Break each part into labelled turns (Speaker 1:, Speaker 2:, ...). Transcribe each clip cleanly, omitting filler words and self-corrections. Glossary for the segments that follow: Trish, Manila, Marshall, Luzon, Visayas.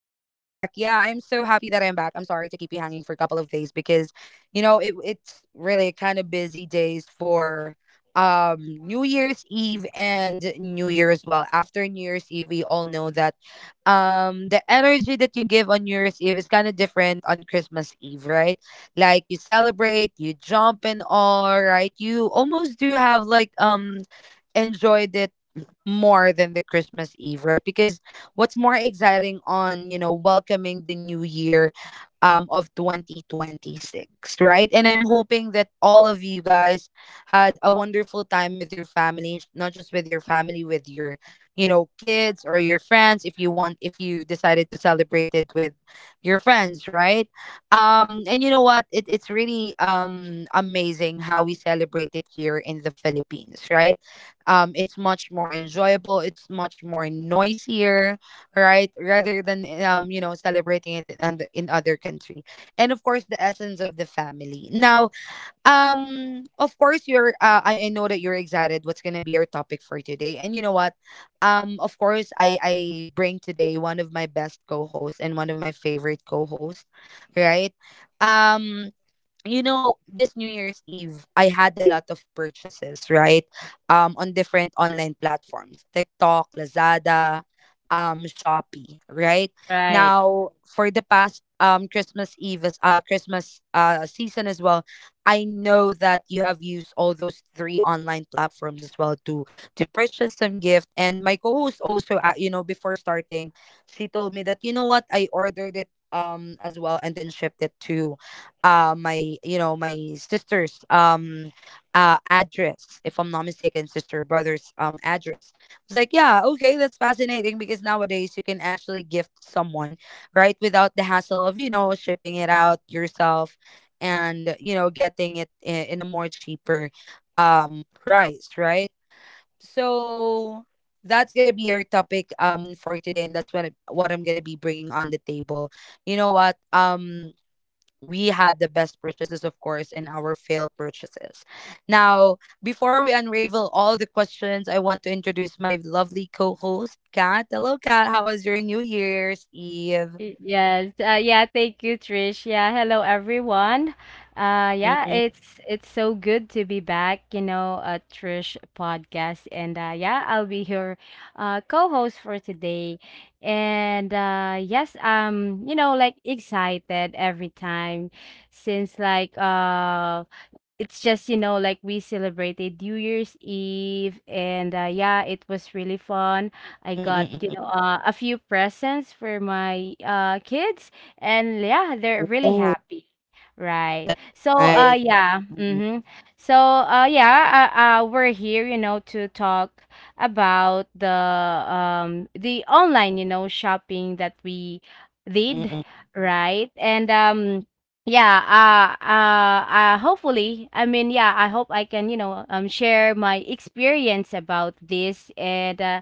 Speaker 1: so happy that I am back. I'm sorry to keep you hanging for a couple of days because, it's really kind of busy days for New Year's Eve and New Year as well. After New Year's Eve, we all know that the energy that you give on New Year's Eve is kind of different on Christmas Eve, right? Like you celebrate, you jump and all, right? You almost do have like enjoyed it more than the Christmas Eve, right? Because what's more exciting on, welcoming the new year of 2026, right? And I'm hoping that all of you guys had a wonderful time with your family, not just with your family, with your kids or your friends if you want if you decided to celebrate it with your friends, right? And you know what? It's really amazing how we celebrate it here in the Philippines, right? It's much more enjoyable, it's much more noisier, right, rather than celebrating it in, in other country. And of course the essence of the family now. Of course you're I know that you're excited what's gonna be your topic for today, and you know what, of course I bring today one of my best co-hosts and one of my favorite co-hosts, right? um you know, this new year's eve I had a lot of purchases, right? On different online platforms, TikTok, Lazada, Shopee, right?
Speaker 2: Right.
Speaker 1: Now for the past Christmas Eve, as Christmas season as well, I know that you have used all those three online platforms as well to purchase some gift. And my co-host also, before starting, she told me that, you know what, I ordered it as well, and then shipped it to my, you know, my sister's address, if I'm not mistaken, sister or brother's address. It's like, yeah, okay, that's fascinating because nowadays you can actually gift someone, right, without the hassle of, shipping it out yourself, and, you know, getting it in a more cheaper price, right? So that's gonna be our topic for today, and that's what I'm gonna be bringing on the table. You know what? We had the best purchases, of course, and our failed purchases. Now, before we unravel all the questions, I want to introduce my lovely co host, Kat. Hello, Kat. How was your New Year's Eve?
Speaker 2: Yes. Yeah. Thank you, Trish. Yeah. Hello, everyone. Yeah.
Speaker 1: Mm-mm,
Speaker 2: It's so good to be back. You know, Trish podcast, and yeah, I'll be your co-host for today. And Yes, you know, like excited every time since like it's just you know like we celebrated New Year's Eve. And yeah, it was really fun. I
Speaker 1: mm-mm,
Speaker 2: got you
Speaker 1: mm-mm.
Speaker 2: know a few presents for my kids, and yeah, they're really
Speaker 1: Ooh,
Speaker 2: happy, right?
Speaker 1: that's
Speaker 2: so uh
Speaker 1: nice.
Speaker 2: yeah
Speaker 1: Mm-mm,
Speaker 2: mm-hmm. So yeah we're here you know to talk about the online you know shopping that we
Speaker 1: mm-mm,
Speaker 2: did,
Speaker 1: mm.
Speaker 2: right? And yeah. Hopefully, I mean, yeah, I hope I can, you know, share my experience about this. And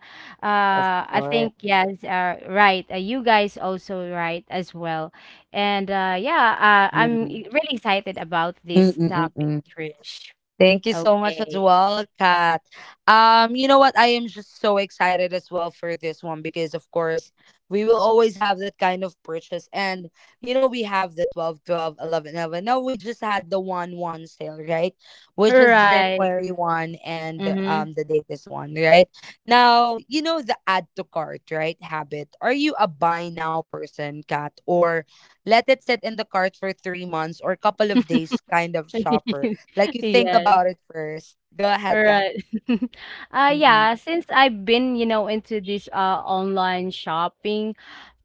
Speaker 1: Of
Speaker 2: I
Speaker 1: course.
Speaker 2: think, yes, right. You guys also right as well. And yeah, I'm
Speaker 1: Mm-mm.
Speaker 2: e- really excited about this
Speaker 1: Mm-mm,
Speaker 2: topic,
Speaker 1: mm-mm.
Speaker 2: Trish.
Speaker 1: Thank you so much as
Speaker 2: Okay.
Speaker 1: well, Kat. You know what? I am just so excited as well for this one because of course we will always have that kind of purchase. And, we have the 12, 12, 11, 11. Now we just had the 1 1 sale, right? Which is
Speaker 2: Right.
Speaker 1: January 1, and
Speaker 2: Mm-hmm.
Speaker 1: the date is 1, right? Now, you know the add to cart, right? Habit. Are you a buy now person, Kat? Or let it sit in the cart for 3 months or a couple of days kind of shopper? Like you think
Speaker 2: Yes.
Speaker 1: about it first. Go ahead,
Speaker 2: All
Speaker 1: Kat.
Speaker 2: right.
Speaker 1: Mm-mm.
Speaker 2: Yeah, since I've been, you know, into this online shopping,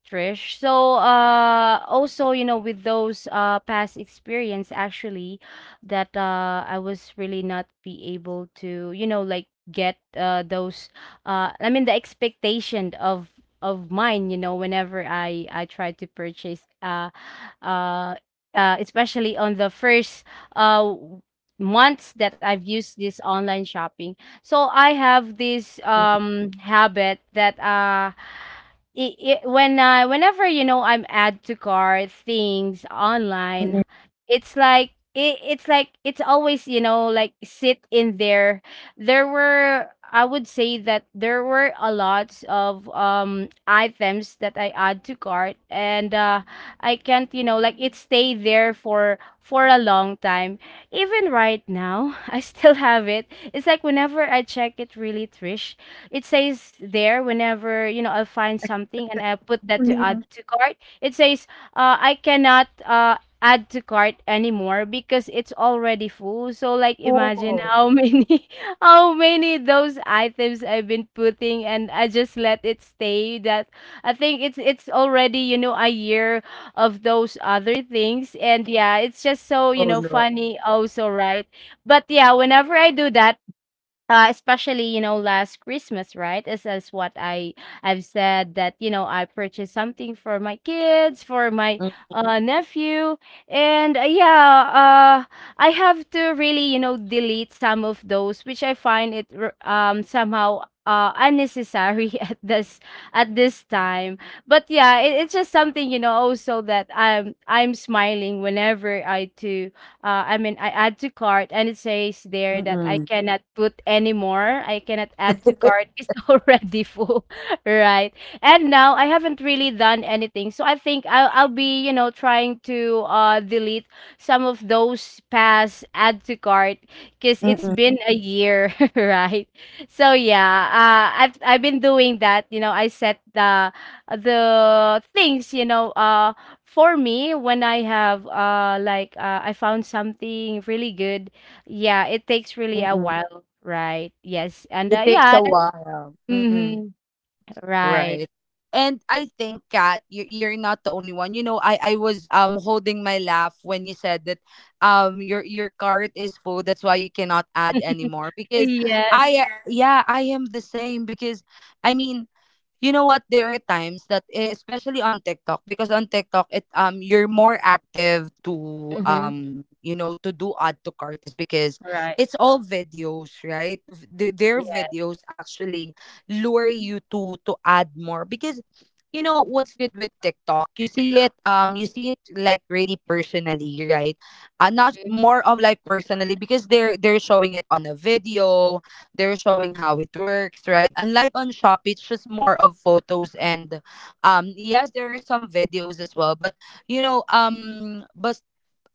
Speaker 2: Trish.
Speaker 1: Mm-mm.
Speaker 2: So, also, you know, with those past experience, actually, that I was really not be able to, you know, like get those I mean the expectation of mine, you know, whenever I try to purchase uh especially on the first uh w- months that I've used this online shopping. So I have this
Speaker 1: Mm-mm.
Speaker 2: habit that it, when I whenever you know I'm add to cart things
Speaker 1: Mm-mm.
Speaker 2: online, it's like it's like it's always you know like sit in there. There were, I would say that there were a lot of items that I add to cart, and I can't you know like it stay there for a long time. Even right now, I still have it. It's like whenever I check it really, Trish, it says there whenever you know I'll find something and I put that to add to cart. It says I cannot add to cart anymore because it's already full. So like imagine how many how many those items I've been putting, and I just let it stay. That I think it's already you know a year of those other things, and yeah, it's just so you
Speaker 1: Oh
Speaker 2: know
Speaker 1: no.
Speaker 2: funny also, right? But yeah, whenever I do that, especially you know last Christmas, right? This is as what I've said, that you know I purchased something for my kids, for my
Speaker 1: Mm-mm.
Speaker 2: nephew, and I have to really you know delete some of those which I find somehow unnecessary at this time. But yeah, it's just something you know also that I'm smiling whenever I do I mean, I add to cart and it says there that I cannot put anymore. I cannot add to
Speaker 1: Mm-mm.
Speaker 2: cart. It's already full, right? And now I haven't really done anything. So I think I'll be, you know, trying to delete some of those past add to cart because it's
Speaker 1: Mm-mm.
Speaker 2: been a year, right? So yeah, I've been doing that. You know, I set the things, you know, for me, when I have I found something really good, yeah, it takes really a
Speaker 1: Mm-mm.
Speaker 2: while, right? Yes, and
Speaker 1: It takes a
Speaker 2: yeah, that,
Speaker 1: while. Mm-mm.
Speaker 2: hmm right.
Speaker 1: Right. And I think, Kat, you're not the only one. You know, I was holding my laugh when you said that your cart is full. That's why you cannot add anymore. Because
Speaker 2: Yes.
Speaker 1: I, yeah, I am the same. Because I mean, you know what? There are times that especially on TikTok, because on TikTok it, you're more active to,
Speaker 2: Mm-hmm.
Speaker 1: to do add to cart, is because
Speaker 2: Right.
Speaker 1: it's all videos, right? They
Speaker 2: Yes.
Speaker 1: videos actually lure you to add more, because you know what's good with TikTok? You see it, you see it like really personally, right? Not more of like personally because they're showing it on a video, they're showing how it works, right? Unlike on shop, it's just more of photos, and, yes, there are some videos as well, but, but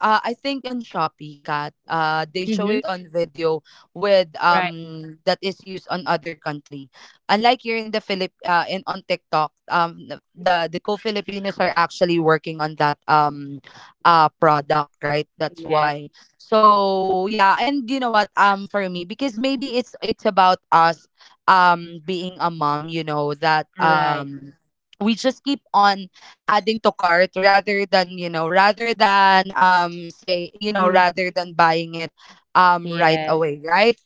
Speaker 1: I think on Shopee, Kat, they show it
Speaker 2: Mm-hmm.
Speaker 1: on video with,
Speaker 2: Right.
Speaker 1: that is used on other country. Unlike here in the Philip in on TikTok, the co-Filipinos are actually working on that product, right? That's
Speaker 2: Yes.
Speaker 1: why. So yeah, and you know what? For me, because maybe it's about us being a mom, you know that
Speaker 2: Right.
Speaker 1: we just keep on adding to cart rather than, rather than say,
Speaker 2: Mm.
Speaker 1: rather than buying it right
Speaker 2: Yes.
Speaker 1: away, right?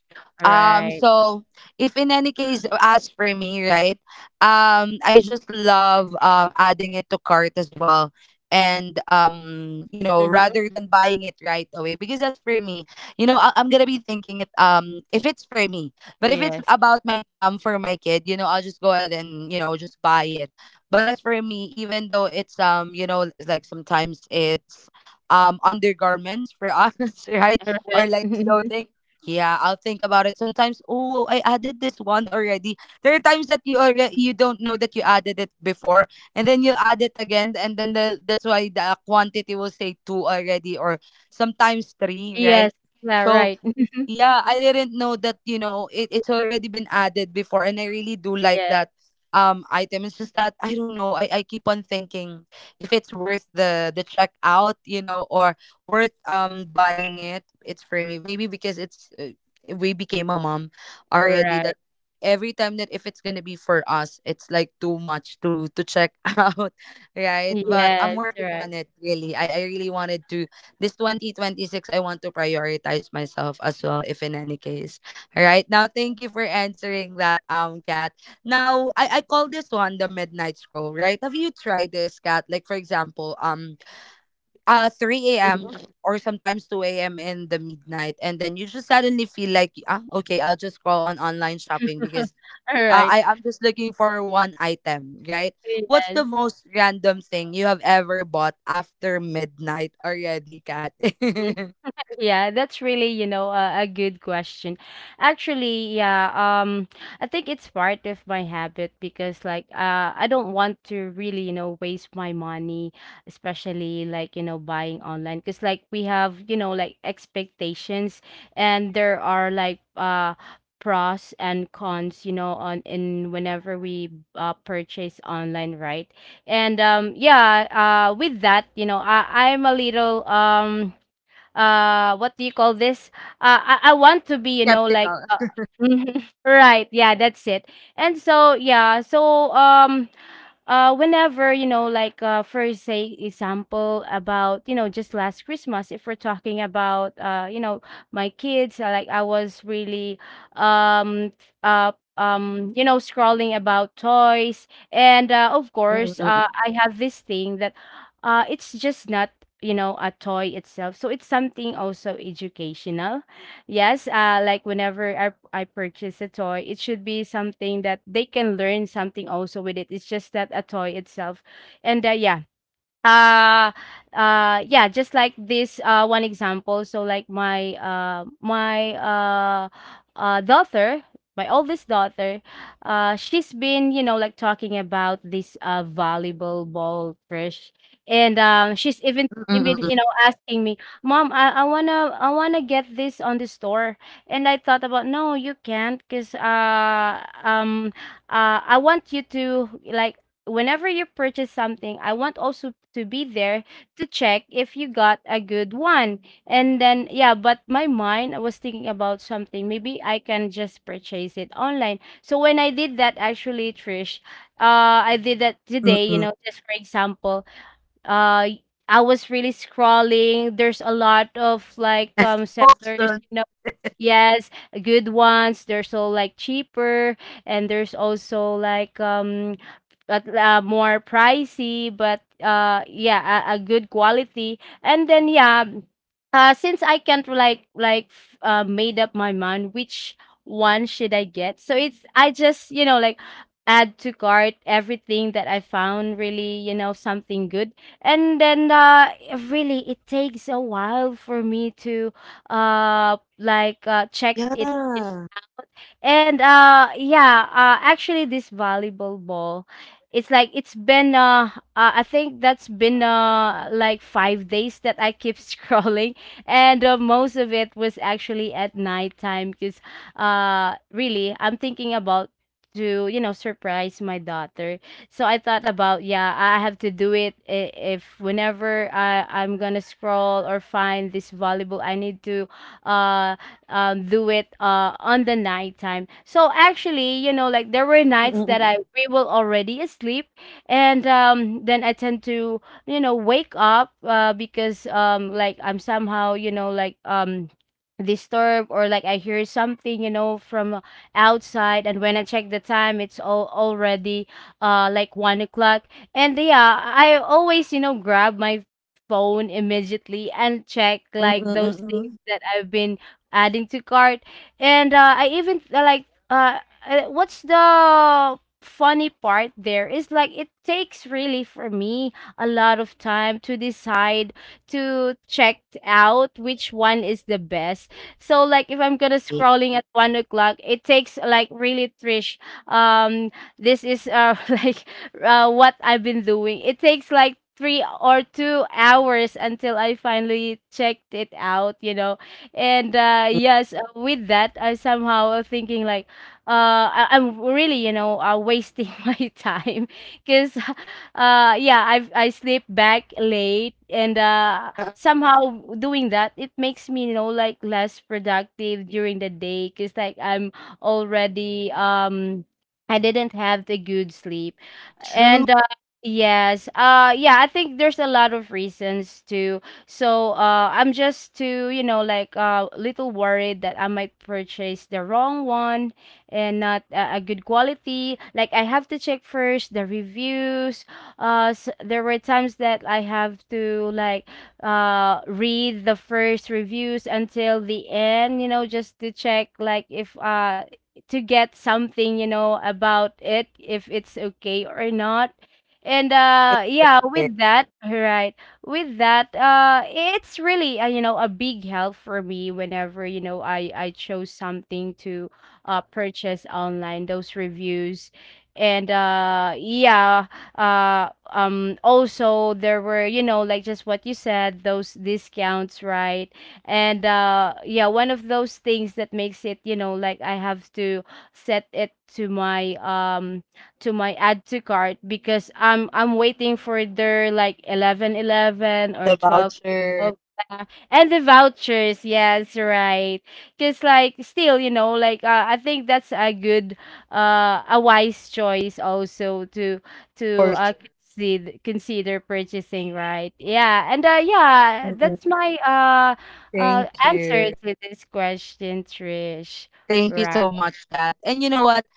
Speaker 2: Right.
Speaker 1: So if in any case, as for me, right, I just love adding it to cart as well. And
Speaker 2: Mm-hmm.
Speaker 1: rather than buying it right away, because as for me, I'm gonna be thinking it if it's for me, but if it's
Speaker 2: Yes.
Speaker 1: about my for my kid, I'll just go ahead and, just buy it. But as for me, even though it's, like sometimes it's undergarments for us, right,
Speaker 2: Right.
Speaker 1: or like clothing, yeah, I'll think about it. Sometimes, oh, I added this one already. There are times that you already you don't know that you added it before, and then you add it again, and then the that's why the quantity will say two already, or sometimes three,
Speaker 2: Yes.
Speaker 1: right?
Speaker 2: Yeah,
Speaker 1: So
Speaker 2: right.
Speaker 1: yeah, I didn't know that, it's already been added before, and I really do like
Speaker 2: Yes.
Speaker 1: that item. It's just that I don't know. I keep on thinking if it's worth the checkout, or worth buying it. It's for me. Maybe because it's, we became a mom already,
Speaker 2: Right.
Speaker 1: that every time that if it's going to be for us, it's like too much to check out, right? But I'm
Speaker 2: Yes.
Speaker 1: working
Speaker 2: Right.
Speaker 1: on it really. I really wanted to, this 2026 I want to prioritize myself as well, if in any case. All right, now thank you for answering that, cat now, I call this one the midnight scroll, right? Have you tried this, cat like for example, 3 a.m.
Speaker 2: Mhm.
Speaker 1: or sometimes 2 a.m. in the midnight, and then you just suddenly feel like, okay, I'll just scroll on online shopping because,
Speaker 2: All right.
Speaker 1: I am just looking for one item, right? What's the
Speaker 2: Yes.
Speaker 1: most random thing you have ever bought after midnight already, Kat?
Speaker 2: Yeah, that's really, you know, a good question. Actually, yeah, I think it's part of my habit because like I don't want to really, you know, waste my money, especially like, you know, buying online because like we have, you know, like expectations, and there are pros and cons, you know, on in whenever we purchase online, right? And yeah, with that, you know, I'm a little what do you call this, I want to be you know like
Speaker 1: Skeptical.
Speaker 2: right, yeah, that's it. And so yeah, so whenever you know for say example about you know just last Christmas, if we're talking about you know my kids, like I was really um f- uh you know scrolling about toys, and of
Speaker 1: Mm,
Speaker 2: course,
Speaker 1: mm,
Speaker 2: I have this thing that it's just not you know a toy itself, so it's something also educational. Yes, like whenever I purchase a toy, it should be something that they can learn something also with it, it's just that a toy itself, and uh yeah, just like this one example. So like my daughter, my oldest daughter, she's been you know like talking about this volleyball ball crush, and she's even
Speaker 1: mm, mm,
Speaker 2: you know asking me, mom, I wanna get this on the store, and I thought about no, you can't, because I want you to like whenever you purchase something, I want also to be there to check if you got a good one. And then, yeah, but my mind, I was thinking about something. Maybe I can just purchase it online. So when I did that, actually, Trish, I did that
Speaker 1: mm, mm,
Speaker 2: today,
Speaker 1: mm,
Speaker 2: you
Speaker 1: mm.
Speaker 2: know, just for example, uh, I was really scrolling. There's a lot of like sellers,
Speaker 1: Option.
Speaker 2: you know. Yes, good ones. They're so like cheaper, and there's also like but more pricey, but yeah, a good quality. And then yeah, since I can't made up my mind which one should I get, so it's I just you know like add to cart everything that I found really you know something good. And then really it takes a while for me to uh check it.
Speaker 1: Yeah.
Speaker 2: And yeah, actually this volleyball ball, it's like it's been I think that's been 5 days that I keep scrolling. And most of it was actually at nighttime because really I'm thinking about to you know surprise my daughter. So I thought about, yeah, I have to do it, if whenever I'm gonna scroll or find this volleyball, I need to uh do it on the nighttime. So actually, you know, like there were
Speaker 1: Mm,
Speaker 2: nights that
Speaker 1: mm,
Speaker 2: I we will already asleep, and then I tend to you know wake up because like I'm somehow you know disturbed or like I hear something you know from outside, and when I check the time, it's all already 1 o'clock, and yeah, I always you know grab my phone immediately and check
Speaker 1: mm, mm,
Speaker 2: like
Speaker 1: mm,
Speaker 2: those
Speaker 1: mm,
Speaker 2: things
Speaker 1: mm.
Speaker 2: that I've been adding to cart. And I even like uh what's the funny part there is like it takes really for me a lot of time to decide to check out which one is the best. So like if I'm gonna scrolling at 1 o'clock, it takes like really, Trish, um this is like what I've been doing, it takes like 3 or 2 hours until I finally checked it out, you know. And yes, with that, I somehow thinking like, I'm really you know wasting my time because, yeah, I have I sleep back late, and
Speaker 1: Uh,
Speaker 2: somehow doing that it makes me you know like less productive during the day because like I'm already I didn't have the good sleep,
Speaker 1: True.
Speaker 2: and yes, yeah, I think there's a lot of reasons to. So I'm just too, you know, like a little worried that I might purchase the wrong one and not a good quality. Like I have to check first the reviews. S There were times that
Speaker 1: Mm-mm.
Speaker 2: I have to like read the first reviews until the end, you know, just to check like if to get something, you know, about it, if it's okay or not. And
Speaker 1: It is worth
Speaker 2: yeah,
Speaker 1: it.
Speaker 2: with that, right, with that, it's really, you know, a big help for me whenever you know I chose something to purchase online, those reviews. And uh also there were you know like just what you said, those discounts, right? And yeah, one of those things that makes it you know like I have to set it to my add to cart, because I'm waiting for their like 11 11 or
Speaker 1: The
Speaker 2: 12
Speaker 1: voucher.
Speaker 2: twelve, yeah. And the vouchers, yes, right? Because like still, you know, like I think that's a good a wise choice also to to
Speaker 1: For
Speaker 2: uh
Speaker 1: sure.
Speaker 2: consider purchasing, right? Yeah. And
Speaker 1: Mm-mm.
Speaker 2: that's my
Speaker 1: Thank
Speaker 2: answer
Speaker 1: you.
Speaker 2: to this question, Trish.
Speaker 1: Thank you so
Speaker 2: Right.
Speaker 1: much, Kat. And you know what?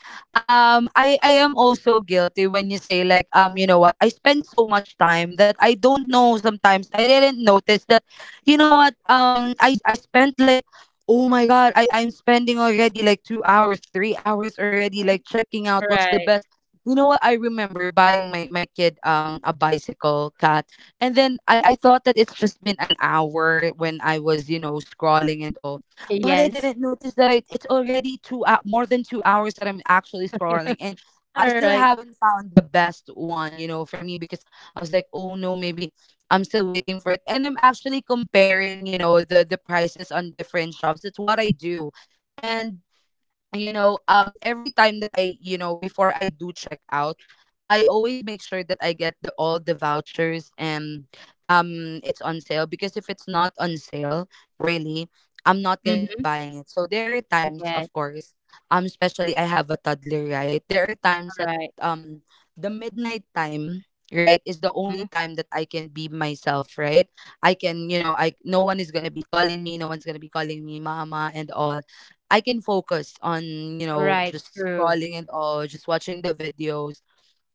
Speaker 1: I am also guilty when you say like, you know what? I spend so much time that I don't know sometimes. I didn't notice that, you know what? I spent like, oh my God, I'm spending already like 2 hours, 3 hours already, like checking out what's the
Speaker 2: Right.
Speaker 1: best. You know what? I remember buying my kid a bicycle, Kat. And then I thought that it's just been an hour when I was, scrolling and all, but I
Speaker 2: Yes.
Speaker 1: didn't notice that I, it's already more than 2 hours that I'm actually scrolling, and
Speaker 2: All
Speaker 1: I still
Speaker 2: right.
Speaker 1: haven't found the best one, for me, because I was like, oh no, maybe I'm still waiting for it, and I'm actually comparing, the prices on different shops. It's what I do, and, every time that I, before I do check out, I always make sure that I get the all the vouchers, and it's on sale, because if it's not on sale, really, I'm not gonna be
Speaker 2: Mm-hmm.
Speaker 1: buying it. So there are times,
Speaker 2: Yes,
Speaker 1: of course, especially I have a toddler, right? There are times that
Speaker 2: alright.
Speaker 1: um the midnight time, right, is the only
Speaker 2: Mhm.
Speaker 1: time that I can be myself, right? I can, I, no one is going to be calling me, no one's going to be calling me mama and all. I can focus on,
Speaker 2: Alright,
Speaker 1: just
Speaker 2: true.
Speaker 1: scrolling and all, just watching the videos,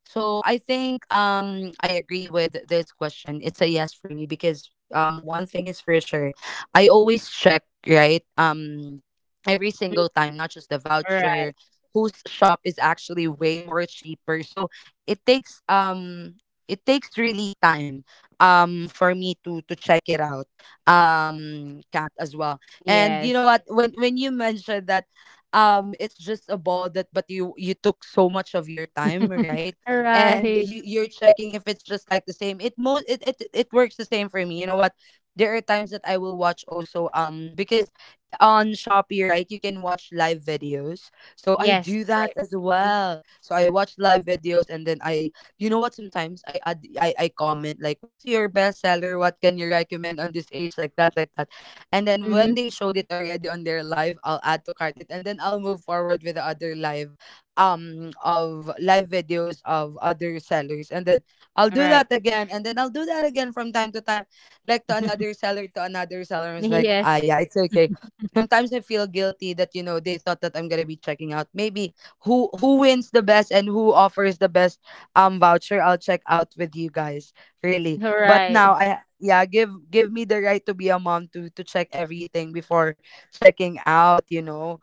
Speaker 1: so I think, I agree with this question. It's a yes for me because one thing is for sure. I always check, right? Every
Speaker 2: Mm,
Speaker 1: single time, not just the
Speaker 2: alright,
Speaker 1: voucher, whose shop is actually way more cheaper. So it takes, it takes really time, for me to check it out. Cat as well. And you
Speaker 2: yes.
Speaker 1: know what, when you mentioned that, it's just a ball that, but you took so much of your time, right? And
Speaker 2: Alright.
Speaker 1: you're checking if it's just like the same. It most it works the same for me. You know what, there are times that I will watch also, because on Shopee, right, you can watch live videos, so I
Speaker 2: Yes,
Speaker 1: do that
Speaker 2: right.
Speaker 1: as
Speaker 2: Mhm,
Speaker 1: well. So I watch live videos and then I, you know what, sometimes I I comment like, what's your best seller? What can you recommend on this age, like that, like that. And then when
Speaker 2: mhm.
Speaker 1: they showed it already on their live, I'll add to cart it, and then I'll move forward with the other live, of live videos of other sellers. And then I'll
Speaker 2: All
Speaker 1: do
Speaker 2: right.
Speaker 1: that again, and then I'll do that again from time to time, like to another seller, to another seller. It's like, ah,
Speaker 2: Yes,
Speaker 1: yeah, it's okay. Sometimes I feel guilty that, you know, they thought that I'm gonna be checking out maybe who wins the best and who offers the best voucher. I'll check out with you guys, really. But
Speaker 2: alright.
Speaker 1: now I, yeah, give me the right to be a mom to check everything before checking out, you know,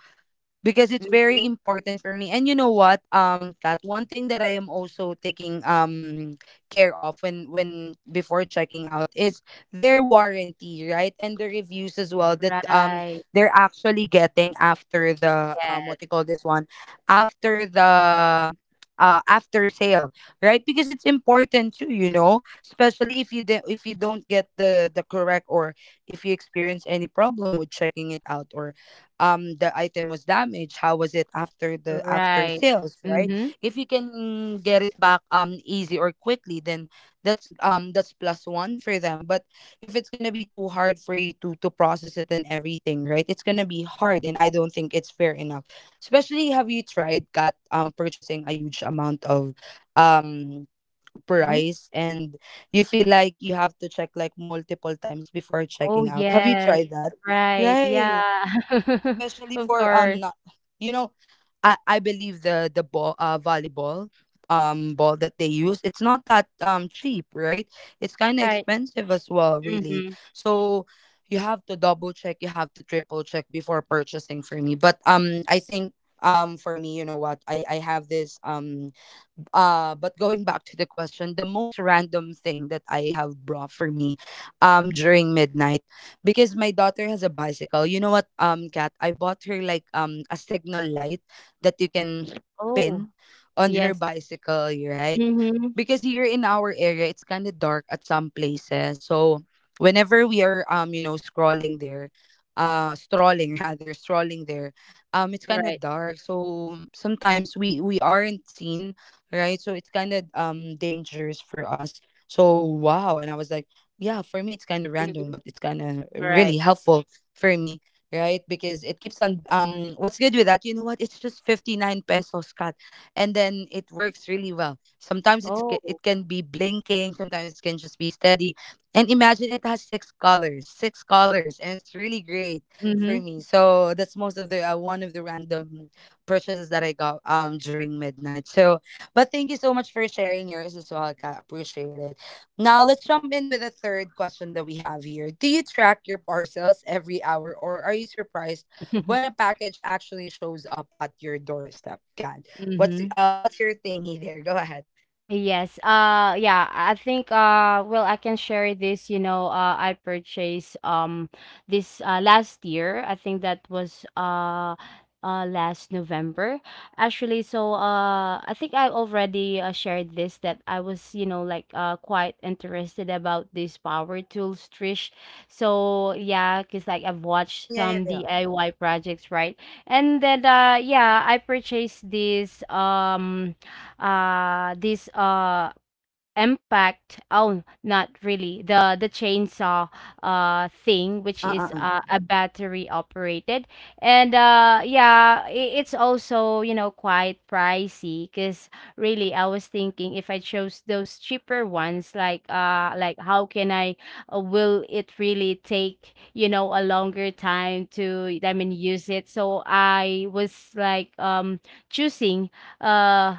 Speaker 1: because it's very
Speaker 2: Mhm,
Speaker 1: important for me. And you know what, Kat, one thing that I am also taking care of when before checking out, is their warranty, right? And the reviews as well that,
Speaker 2: right.
Speaker 1: they're actually getting after the, um, what
Speaker 2: Yes,
Speaker 1: they call this one, after the after sale, right? Because it's important too, you know, especially if you if you don't get the correct or if you experience any problem with checking it out, or the item was damaged, how was it after the after
Speaker 2: right.
Speaker 1: sales? Right?
Speaker 2: Mhm,
Speaker 1: If you can get it back easy or quickly, then that's plus one for them. But if it's gonna be too hard for you to process it and everything, right, it's gonna be hard and I don't think it's fair enough. Especially, have you tried got purchasing a huge amount of um
Speaker 2: mhm.
Speaker 1: price? And you feel like you have to check like multiple times before
Speaker 2: Oh,
Speaker 1: checking out. Have you
Speaker 2: yes,
Speaker 1: tried that?
Speaker 2: right,
Speaker 1: Right,
Speaker 2: yeah.
Speaker 1: especially
Speaker 2: Of
Speaker 1: for
Speaker 2: course,
Speaker 1: not, you know, I believe the ball, uh, volleyball ball that they use, it's not that cheap, right? It's kind of
Speaker 2: right.
Speaker 1: expensive as well, really.
Speaker 2: Mhm.
Speaker 1: So you have to double check, you have to triple check before purchasing, for me. But I think, for me, you know what, I have this but going back to the question, the most random thing that I have brought for me during midnight, because my daughter has a bicycle. You know what, Kat, I bought her like a signal light that you can
Speaker 2: Oh,
Speaker 1: pin on her
Speaker 2: yes.
Speaker 1: bicycle, right?
Speaker 2: Mhm.
Speaker 1: Because here in our area it's kind of dark at some places. So whenever we are, you know, scrolling there strolling rather, strolling there, it's kind of
Speaker 2: Right.
Speaker 1: dark, so sometimes we aren't seen, right? So it's kind of dangerous for us. So, wow, and I was like, yeah, for me it's kind of random,
Speaker 2: Mhm.
Speaker 1: but it's kind of really
Speaker 2: Right.
Speaker 1: helpful for me, right? Because it keeps on, what's good with that, you know what, it's just 59 pesos cut, and then it works really well. Sometimes it's
Speaker 2: Oh.
Speaker 1: it can be blinking, sometimes it can just be steady. And imagine, it has six colors, and it's really great for
Speaker 2: Mhm.
Speaker 1: me. So that's most of the one of the random purchases that I got during midnight. So, but thank you so much for sharing yours as well. I appreciate it. Now let's jump in with the third question that we have here. Do you track your parcels every hour, or are you surprised when a package actually shows up at your doorstep? God,
Speaker 2: Mhm.
Speaker 1: what's your thingy there? Go ahead.
Speaker 2: Yes. Yeah, I think well, I can share this, you know, I purchased this last year. I think that was last November. Actually, so I think I already shared this, that I was, you know, like quite interested about these power tools, Trish. So yeah, cuz like I've watched
Speaker 1: Mm, yeah, yeah,
Speaker 2: some
Speaker 1: yeah.
Speaker 2: DIY projects, right? And then I purchased this this impact, oh, not really, the chainsaw thing, which is
Speaker 1: Uh-uh.
Speaker 2: a battery operated. and uh yeah i- it's also, you know, quite pricey, because really I was thinking, if I chose those cheaper ones, like how can I will it really take, you know, a longer time to, I mean, use it. So I was like, choosing uh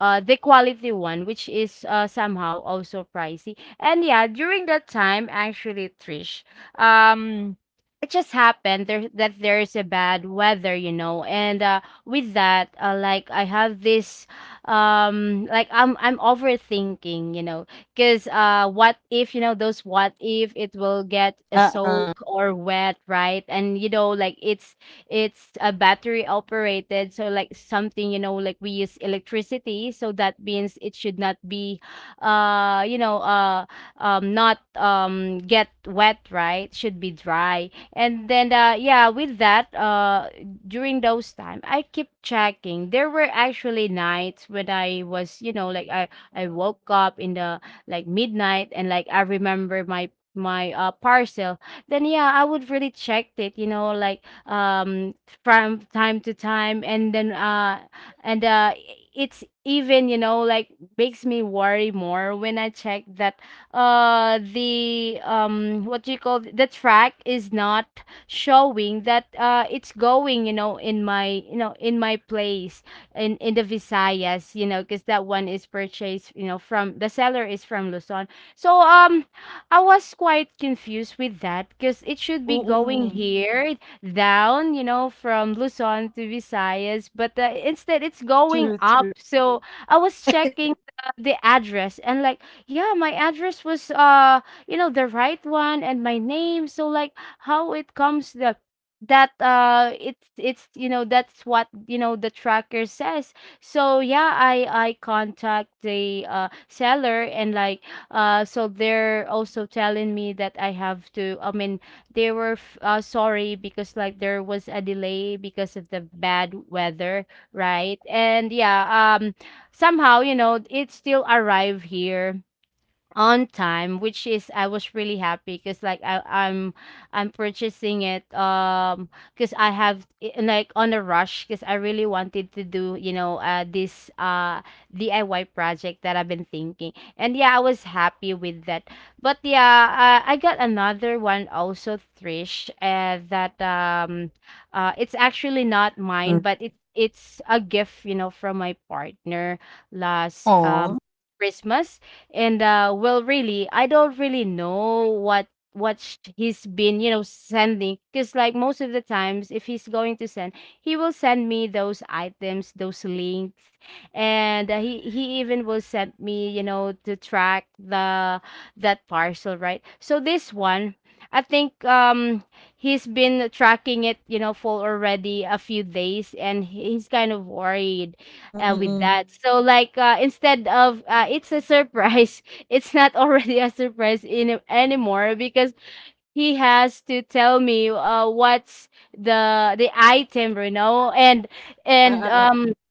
Speaker 2: the quality one, which is somehow also pricey. And yeah, during that time, actually, Trish, um it just happened there that there is a bad weather, you know. And with that, like I have this like I'm overthinking, you know, because what if, you know, those, what if it will get a
Speaker 1: Uh-uh.
Speaker 2: soak or wet, right? And you know, like it's a battery operated, so like something, you know, like we use electricity, so that means it should not be uh, you know, uh not get wet, right? Should be dry. And then yeah, with that, during those time, I keep checking. There were actually nights when I was, you know, like I woke up in the like midnight, and like I remember my my parcel. Then yeah, I would really check it, you know, like um from time to time. And it's even, you know, like makes me worry more when I check that the what do you call, the track is not showing that it's going, you know, in my, you know, in my place, in the Visayas, you know, because that one is purchased, you know, from, the seller is from Luzon. So I was quite confused with that, because it should be going
Speaker 1: Mm-mm.
Speaker 2: here down, you know, from Luzon to Visayas, but instead it's going
Speaker 1: True,
Speaker 2: up.
Speaker 1: true.
Speaker 2: So I was checking the address, and like, yeah, my address was you know, the right one, and my name. So like how it comes that it's, you know, that's what, you know, the tracker says. So yeah, I contact the seller. And like so they're also telling me that I have to, I mean, they were sorry, because like there was a delay because of the bad weather, right? And yeah, um
Speaker 1: Mm-mm.
Speaker 2: somehow, you know, it still arrived here on time, which is I was really happy, because like I'm purchasing it because like on a rush, because I really wanted to do, you know, this DIY project that I've been thinking. And yeah, I was happy with that. But yeah, I got another one also, Trish, that it's actually not mine,
Speaker 1: Mm-mm.
Speaker 2: but it's a gift, you know, from my partner last
Speaker 1: Aw.
Speaker 2: Christmas. And well, really, I don't really know what he's been, you know, sending. Because like most of the times, if he's going to send, he will send me those items, those links. And he even will send me, you know, to track the that parcel, right? So this one, I think he's been tracking it, you know, for already a few days, and he's kind of worried
Speaker 1: Mm-mm,
Speaker 2: with
Speaker 1: mm-mm.
Speaker 2: that. So like instead of it's a surprise, it's not already a surprise in anymore, because he has to tell me what's the item, you know, and and
Speaker 1: Uh-uh, uh.
Speaker 2: um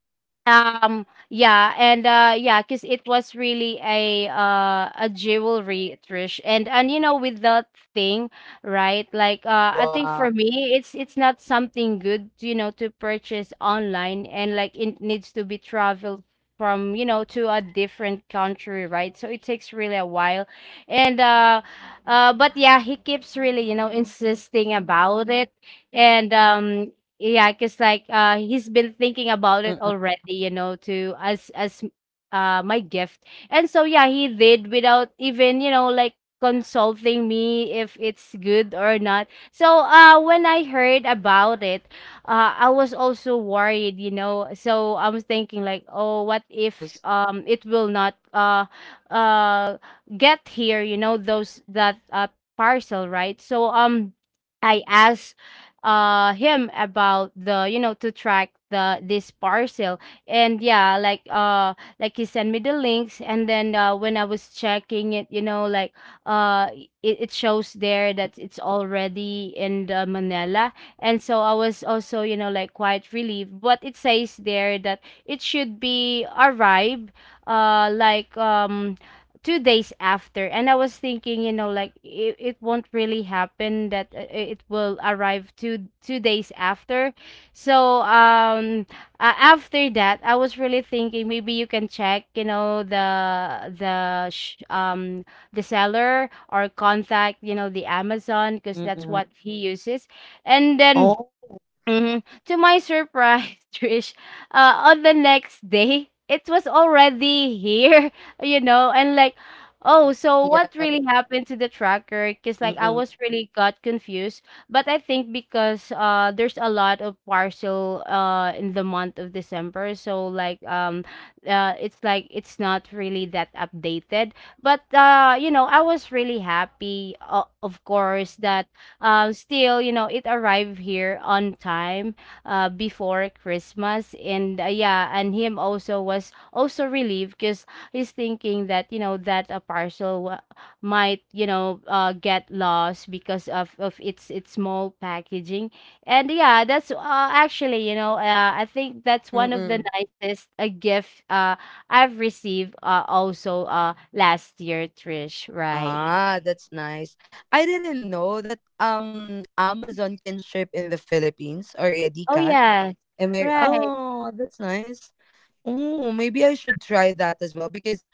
Speaker 2: yeah. Cause it was really a jewelry, Trish. And you know, with that thing, right? Like I think
Speaker 1: Wow.
Speaker 2: for me, it's not something good, you know, to purchase online, and like it needs to be traveled from, you know, to a different country, right? So it takes really a while. And but yeah, he keeps really, you know, insisting about it. And yeah, cause like he's been thinking about it
Speaker 1: Mm-mm.
Speaker 2: already, you know, to, as my gift. And so yeah, he did without even, you know, like consulting me if it's good or not. So when I heard about it, I was
Speaker 1: Mm-mm, mm-mm.
Speaker 2: also worried, you know. So I was thinking like,
Speaker 1: Of
Speaker 2: oh, what if
Speaker 1: course.
Speaker 2: it will not uh get here, you know, those, that parcel, right? So I asked him about the, you know, to track the this parcel. And yeah, like he sent me the links. And then when I was checking it, you know, like uh it
Speaker 1: The
Speaker 2: shows there
Speaker 1: tracking.
Speaker 2: that it's already in the Manila. And so I was also, you know, like quite relieved, but it says there that it should be arrived like 2 days after. And I was thinking, you know, like it won't really happen that it will arrive two days after. So after that, I was really thinking, maybe you can check, you know, the seller, or contact, you know, the Amazon, because that's
Speaker 1: Mm-mm.
Speaker 2: what he uses. And then
Speaker 1: Oh.
Speaker 2: Mhm. to my surprise, Trish, on the next day, it was already here, you know, and like, oh, so
Speaker 1: Yeah,
Speaker 2: what
Speaker 1: yeah,
Speaker 2: really
Speaker 1: yeah.
Speaker 2: happened to the tracker? Because like I
Speaker 1: Mm-mm.
Speaker 2: was really got confused. But I think because there's a lot of parcel in the month of December, so like it's like it's not really that updated. But you know, I was really happy, of course, that still, you know, it arrived here on time before Christmas. And yeah, and him also was also relieved, because he's thinking that, you know, that a parcel might, you know, get lost because of its, small packaging. And yeah, that's actually, you know, I think that's one of the
Speaker 1: Mm-mm.
Speaker 2: nicest gift I've received also last year, Trish, right?
Speaker 1: Ah, that's nice. I didn't know that Amazon can ship in the Philippines already,
Speaker 2: Oh,
Speaker 1: Kat.
Speaker 2: yes,
Speaker 1: Am I?
Speaker 2: right.
Speaker 1: Oh, that's nice. Oh, maybe I should try that as well, because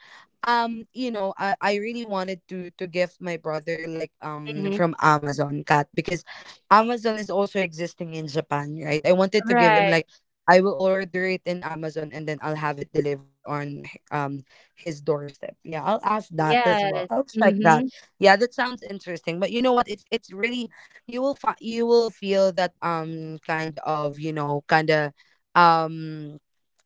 Speaker 1: you know I really wanted to gift my brother like
Speaker 2: Mm-hmm.
Speaker 1: from Amazon, cat because Amazon is also existing in Japan, right? I wanted to give him
Speaker 2: Right.
Speaker 1: like, I will order it in Amazon and then I'll have it delivered on his doorstep. Yeah, I'll ask that as well,
Speaker 2: Yes.
Speaker 1: I'll check that.
Speaker 2: Mhm.
Speaker 1: Yeah, that sounds interesting. But you know what, it's really, you will feel that, kind of, you know, kind of, um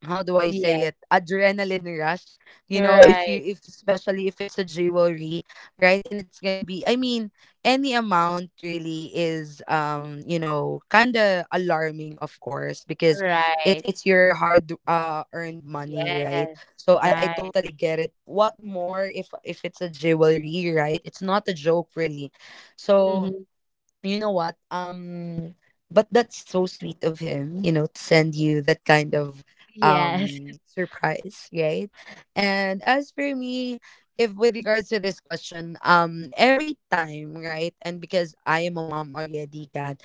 Speaker 1: how do I
Speaker 2: Yes.
Speaker 1: say it? Adrenaline rush, you know, if
Speaker 2: Right.
Speaker 1: you if especially if it's a jewelry, right? And it's gonna be, I mean, any amount really is, you know, kind of alarming, of course, because
Speaker 2: Right.
Speaker 1: it's your hard, uh, earned money, right?
Speaker 2: Yes.
Speaker 1: So I
Speaker 2: Right.
Speaker 1: totally get it. What more if it's a jewelry, right? It's not a joke, really. So,
Speaker 2: Mhm.
Speaker 1: you know what, but that's so sweet of him, you know, to send you that kind of
Speaker 2: Yes.
Speaker 1: surprise, right? And as for me, if with regards to this question, every time, right? And because I am a mom already, cat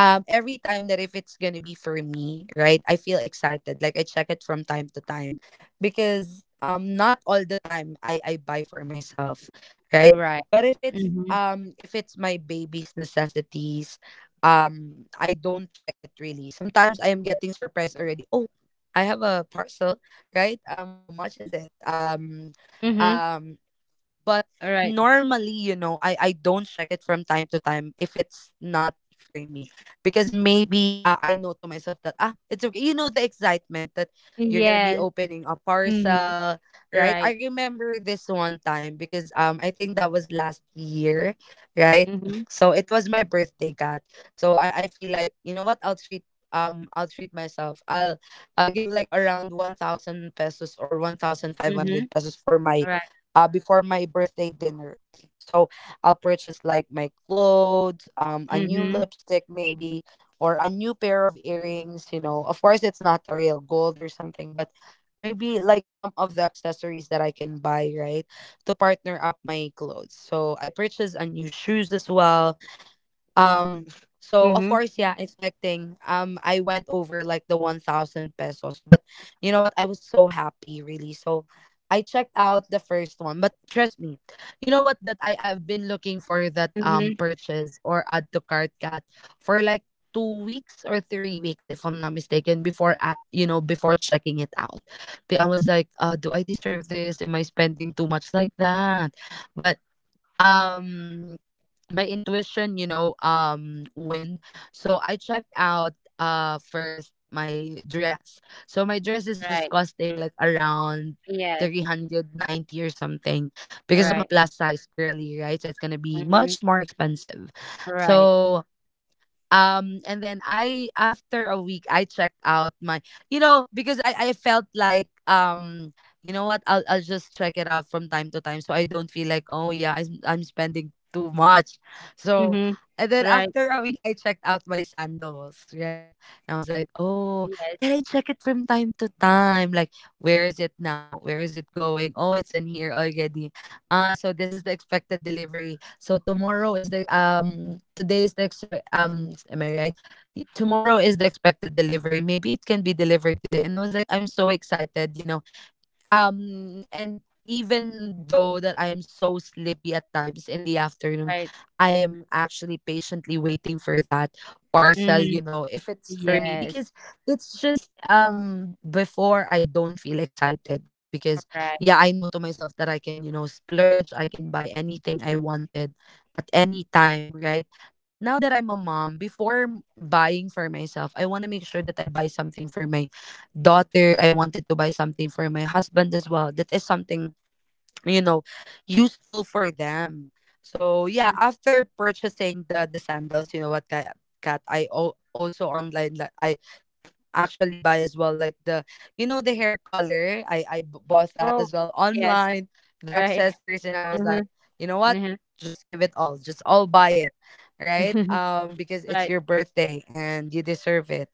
Speaker 1: every time that if it's gonna be for me, right, I feel excited, like I check it from time to time, because not all the time I buy for myself, right?
Speaker 2: Right.
Speaker 1: But if it's,
Speaker 2: Mhm.
Speaker 1: if it's my baby's necessities, I don't check it really. Sometimes I am getting surprised already. Oh, I have a parcel, right? Um, how much is it?
Speaker 2: Mhm.
Speaker 1: Um but
Speaker 2: Right.
Speaker 1: normally, you know, I don't check it from time to time if it's not for me. Because maybe, I know to myself that, ah, it's okay. You know, the excitement that you're going to be
Speaker 2: Yes.
Speaker 1: opening a
Speaker 2: Mhm.
Speaker 1: parcel, right? I
Speaker 2: Right.
Speaker 1: remember this one time because I think that was last year, right?
Speaker 2: Mhm.
Speaker 1: So it was my birthday, Kat. So I feel like, you know what, I'll treat, I'll treat myself. I'll give like around 1,000 pesos or 1,500
Speaker 2: Mhm.
Speaker 1: pesos for my
Speaker 2: Right.
Speaker 1: before my birthday dinner. So I'll purchase like my clothes, a new
Speaker 2: Mhm.
Speaker 1: lipstick maybe, or a new pair of earrings, you know. Of course it's not a real gold or something, but maybe like some of the accessories that I can buy, right? To partner up my clothes. So I purchased a new shoes as well, um, so of
Speaker 2: Mhm.
Speaker 1: course, yeah, expecting. I went over like the 1,000 pesos, but you know what? I was so happy, really. So I checked out the first one, but trust me, you know what, that I I've been looking for that
Speaker 2: Mhm.
Speaker 1: purchase or add to cart, cat for like 2 weeks or 3 weeks, if I'm not mistaken, before I, you know, before checking it out. But I was like, do I deserve this? Am I spending too much like that? But um my intuition, you know, win. So I checked out, first my dress. So my dress is just
Speaker 2: Right.
Speaker 1: costing like around
Speaker 2: Yes.
Speaker 1: 390 or something, because I'm a
Speaker 2: Right.
Speaker 1: plus size girly, right? So it's going to be
Speaker 2: Mhm.
Speaker 1: much more expensive.
Speaker 2: Right.
Speaker 1: So and then I, after a week, I checked out my, you know, because I felt like, you know what, I'll just check it out from time to time, so I don't feel like, oh yeah, I'm spending too much. So
Speaker 2: Mhm.
Speaker 1: and then
Speaker 2: Right.
Speaker 1: after a week I checked out my sandals, right? And I was like, oh,
Speaker 2: Yes.
Speaker 1: and I check it from time to time, like where is it now, where is it going? Oh, it's in here already. So this is the expected delivery. So tomorrow is the, today is the am I right? Tomorrow is the expected delivery. Maybe it can be delivered today. And I was like, I'm so excited, you know, and even though that I am so sleepy at times in the afternoon,
Speaker 2: Right.
Speaker 1: I am actually patiently waiting for that parcel,
Speaker 2: Mhm.
Speaker 1: you know, if it's for me.
Speaker 2: Yes.
Speaker 1: Because it's just, before I don't feel excited, right? Because,
Speaker 2: Right.
Speaker 1: yeah, I know to myself that I can, you know, splurge, I can buy anything I wanted at any time, right? Now that I'm a mom, before buying for myself, I want to make sure that I buy something for my daughter. I wanted to buy something for my husband as well. That is something, you know, useful for them. So yeah,
Speaker 2: Mhm.
Speaker 1: after purchasing the sandals, you know what, Kat, Kat, I also online like I actually buy as well like the, you know, the hair color, bought that
Speaker 2: Oh.
Speaker 1: as well
Speaker 2: Yes.
Speaker 1: online, the
Speaker 2: Right.
Speaker 1: accessories. And I was
Speaker 2: Mhm.
Speaker 1: like, you know what,
Speaker 2: Mhm.
Speaker 1: just give it all, just all buy it, right? Um, because it's
Speaker 2: Right.
Speaker 1: your birthday and you deserve it,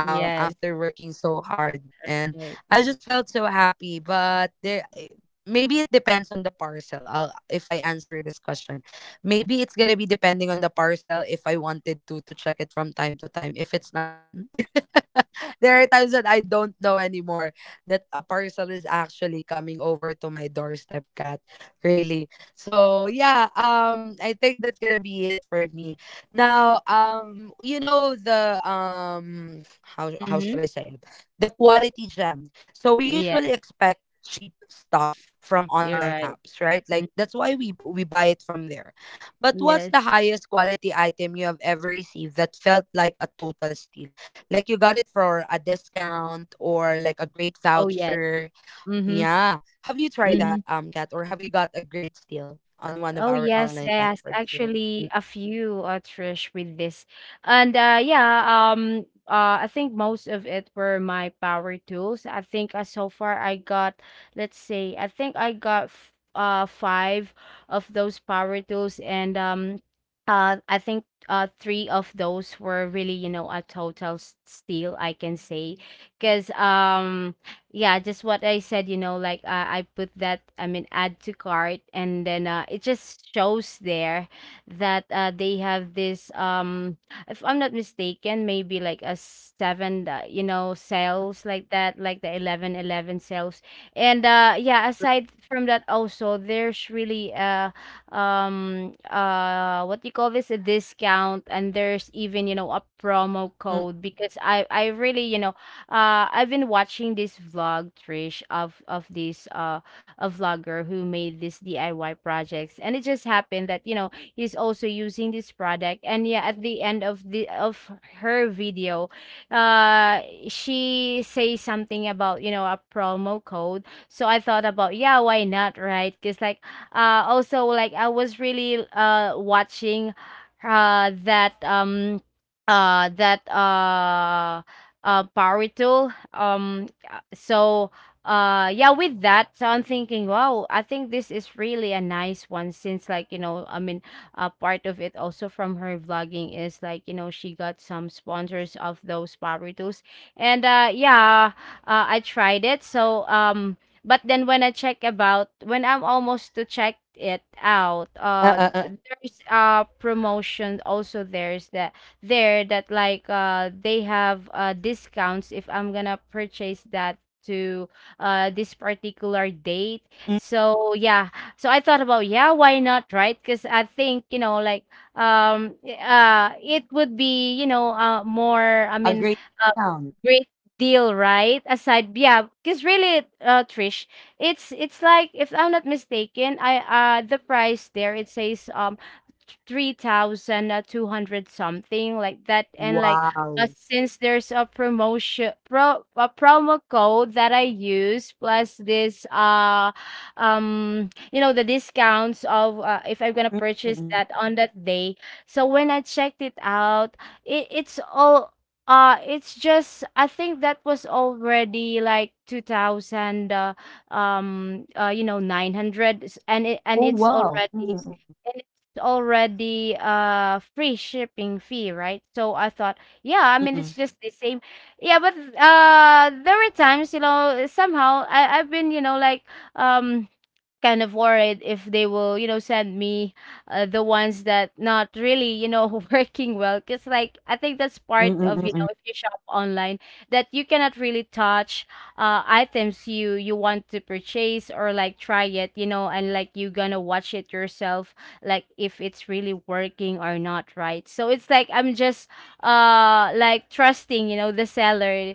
Speaker 2: Yes,
Speaker 1: after working so hard. And
Speaker 2: right.
Speaker 1: I just felt so happy. But there, eh, maybe it depends on the parcel. If I answer this question, maybe it's gonna be depending on the parcel, if I wanted to check it from time to time. If it's not, then there are times that I don't know anymore that a parcel is actually coming over to my doorstep, cat. Really. So yeah, I think that's gonna be it for me. Now, you know the, how should
Speaker 2: Mhm.
Speaker 1: I say it? The quality gem. So we
Speaker 2: Yes,
Speaker 1: usually expect cheap stuff from
Speaker 2: you're
Speaker 1: online
Speaker 2: right.
Speaker 1: apps, right? Like
Speaker 2: Mm,
Speaker 1: that's why we buy it from there. But what's the
Speaker 2: yes.
Speaker 1: highest quality item you have ever received that felt like a total steal? Like you got it for a discount or like a great
Speaker 2: Oh, yes.
Speaker 1: voucher.
Speaker 2: Mhm,
Speaker 1: Yeah. Have you tried that,
Speaker 2: mhm.
Speaker 1: Kat, or have you got a great deal on one of
Speaker 2: Oh
Speaker 1: our
Speaker 2: yes,
Speaker 1: online
Speaker 2: yes.
Speaker 1: platforms here? Mm,
Speaker 2: Actually, a few, Trish, with this. I think most of it were my power tools. I think so far I got, let's see, I think I got f five of those power tools. And I think three of those were really, you know, a total steal, I can say. Because yeah, just what I said, you know, like I put that, I mean, add to cart. And then it just shows there that they have this if I'm not mistaken, maybe like a seven you know, sales, like that, like the 11, 11 sales. And yeah, aside from that, also there's really what do you call this, a discount. And there's even, you know, a promo
Speaker 1: mm,
Speaker 2: code, because I really, you know, I've been watching this vlog, Trish, of this a vlogger who made this DIY projects. And it just happened that, you know, he's also using this product. And yeah, at the end of the of her video, uh she says something about, you know, a promo code. So I thought about yeah,
Speaker 1: mm,
Speaker 2: why
Speaker 1: mm,
Speaker 2: not, right? Because like also like I was really watching that that power tool. So yeah, with that. So I'm thinking, wow, I think this is really a nice one, since, like, you know, I mean, part of it also from her vlogging is like, you know, she got some sponsors of those power tools. and uh, yeah, I tried it. So but then when I'm almost to check it out,
Speaker 1: uh,
Speaker 2: there's promotion also. There's that there that like they have discounts if I'm gonna purchase that to this particular date.
Speaker 1: mm,
Speaker 2: So yeah. So I thought about, yeah, why not, right? Because I think, like, it would be, more I
Speaker 1: a
Speaker 2: mean,
Speaker 1: great discount.
Speaker 2: great deal, right? Aside, yeah, because really, Trish, it's like, if I'm not mistaken, I the price there, it says, 3,000, 200, something like that, and like,
Speaker 1: Wow.
Speaker 2: since there's a promotion pro a promo code that I use, plus this, the discounts of, if I'm gonna
Speaker 1: Mm, mm,
Speaker 2: purchase
Speaker 1: mm.
Speaker 2: that on that day. So when I checked it out, it, it's all it's just, I think, that was already like 2000, 900, and it,
Speaker 1: Oh, wow. Mm, mm,
Speaker 2: and it's already free shipping fee, right? So I thought, yeah, I
Speaker 1: mm,
Speaker 2: mean,
Speaker 1: mm, mm,
Speaker 2: it's just the same. Yeah, but there were times, you know, somehow I've been, like, um kind of worried if they will, send me the ones that not really, working well, because, like, I think that's
Speaker 1: mm,
Speaker 2: part
Speaker 1: mm,
Speaker 2: of,
Speaker 1: mm, mm.
Speaker 2: if you shop online, that you cannot really touch items you want to purchase, or like try it, and
Speaker 1: True.
Speaker 2: like you gonna watch it yourself, like if it's really working or not, right? So it's like, I'm just like, trusting, the seller.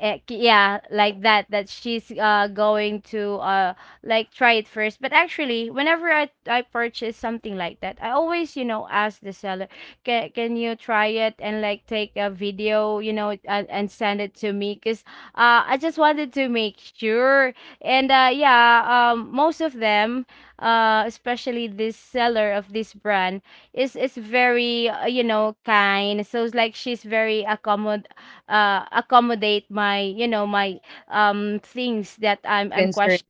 Speaker 2: Yeah, like that, she's going to like try it first. But actually, whenever I purchase something like that, I always, ask the seller, can you try it and like take a video, and, send it to
Speaker 1: Mm.
Speaker 2: me, cause I just wanted to make sure. And yeah, most of them, especially this seller of this brand, is very, kind. So it's like, she's very accommodate my you know my, things that I'm
Speaker 1: Concern.
Speaker 2: questioning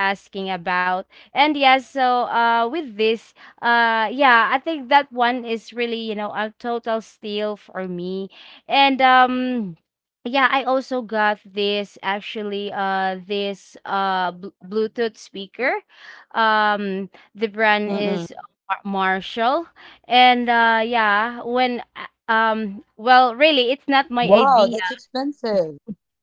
Speaker 2: asking about. And yeah, so with this, yeah, I think that one is really, a total steal for me. And yeah, I also got this, actually, Bluetooth speaker. Um the brand
Speaker 1: Mm-mm.
Speaker 2: is Marshall. And yeah, when, well, really, it's
Speaker 1: Wow, that's expensive.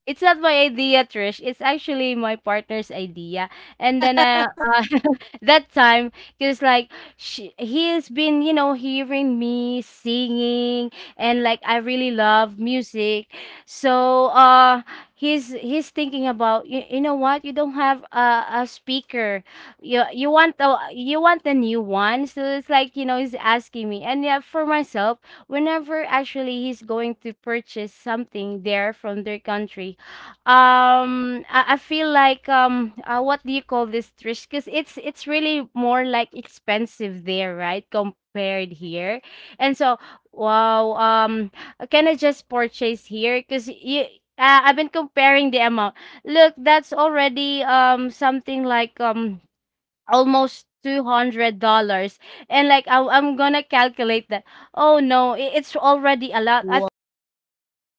Speaker 2: not my idea, Trish. It's actually my partner's idea. And then, that time, because, like, he's been, you know, hearing me singing, and like, I really love music. So he's thinking about you. You know what? You don't have a speaker. You want the new one. So it's like, he's asking me, and yeah, for myself, whenever actually he's going to purchase something there from their country, I feel like, what do you call this, Trish? Because it's really more like expensive there, right? Compared here, and so, wow, can I just purchase here? Because you. I've been comparing the amount. Look, that's already, something like, almost $200, and like, I'm gonna calculate that. Oh no, it's already a lot. I think I can
Speaker 1: Wow.
Speaker 2: buy two
Speaker 1: Mm, mm.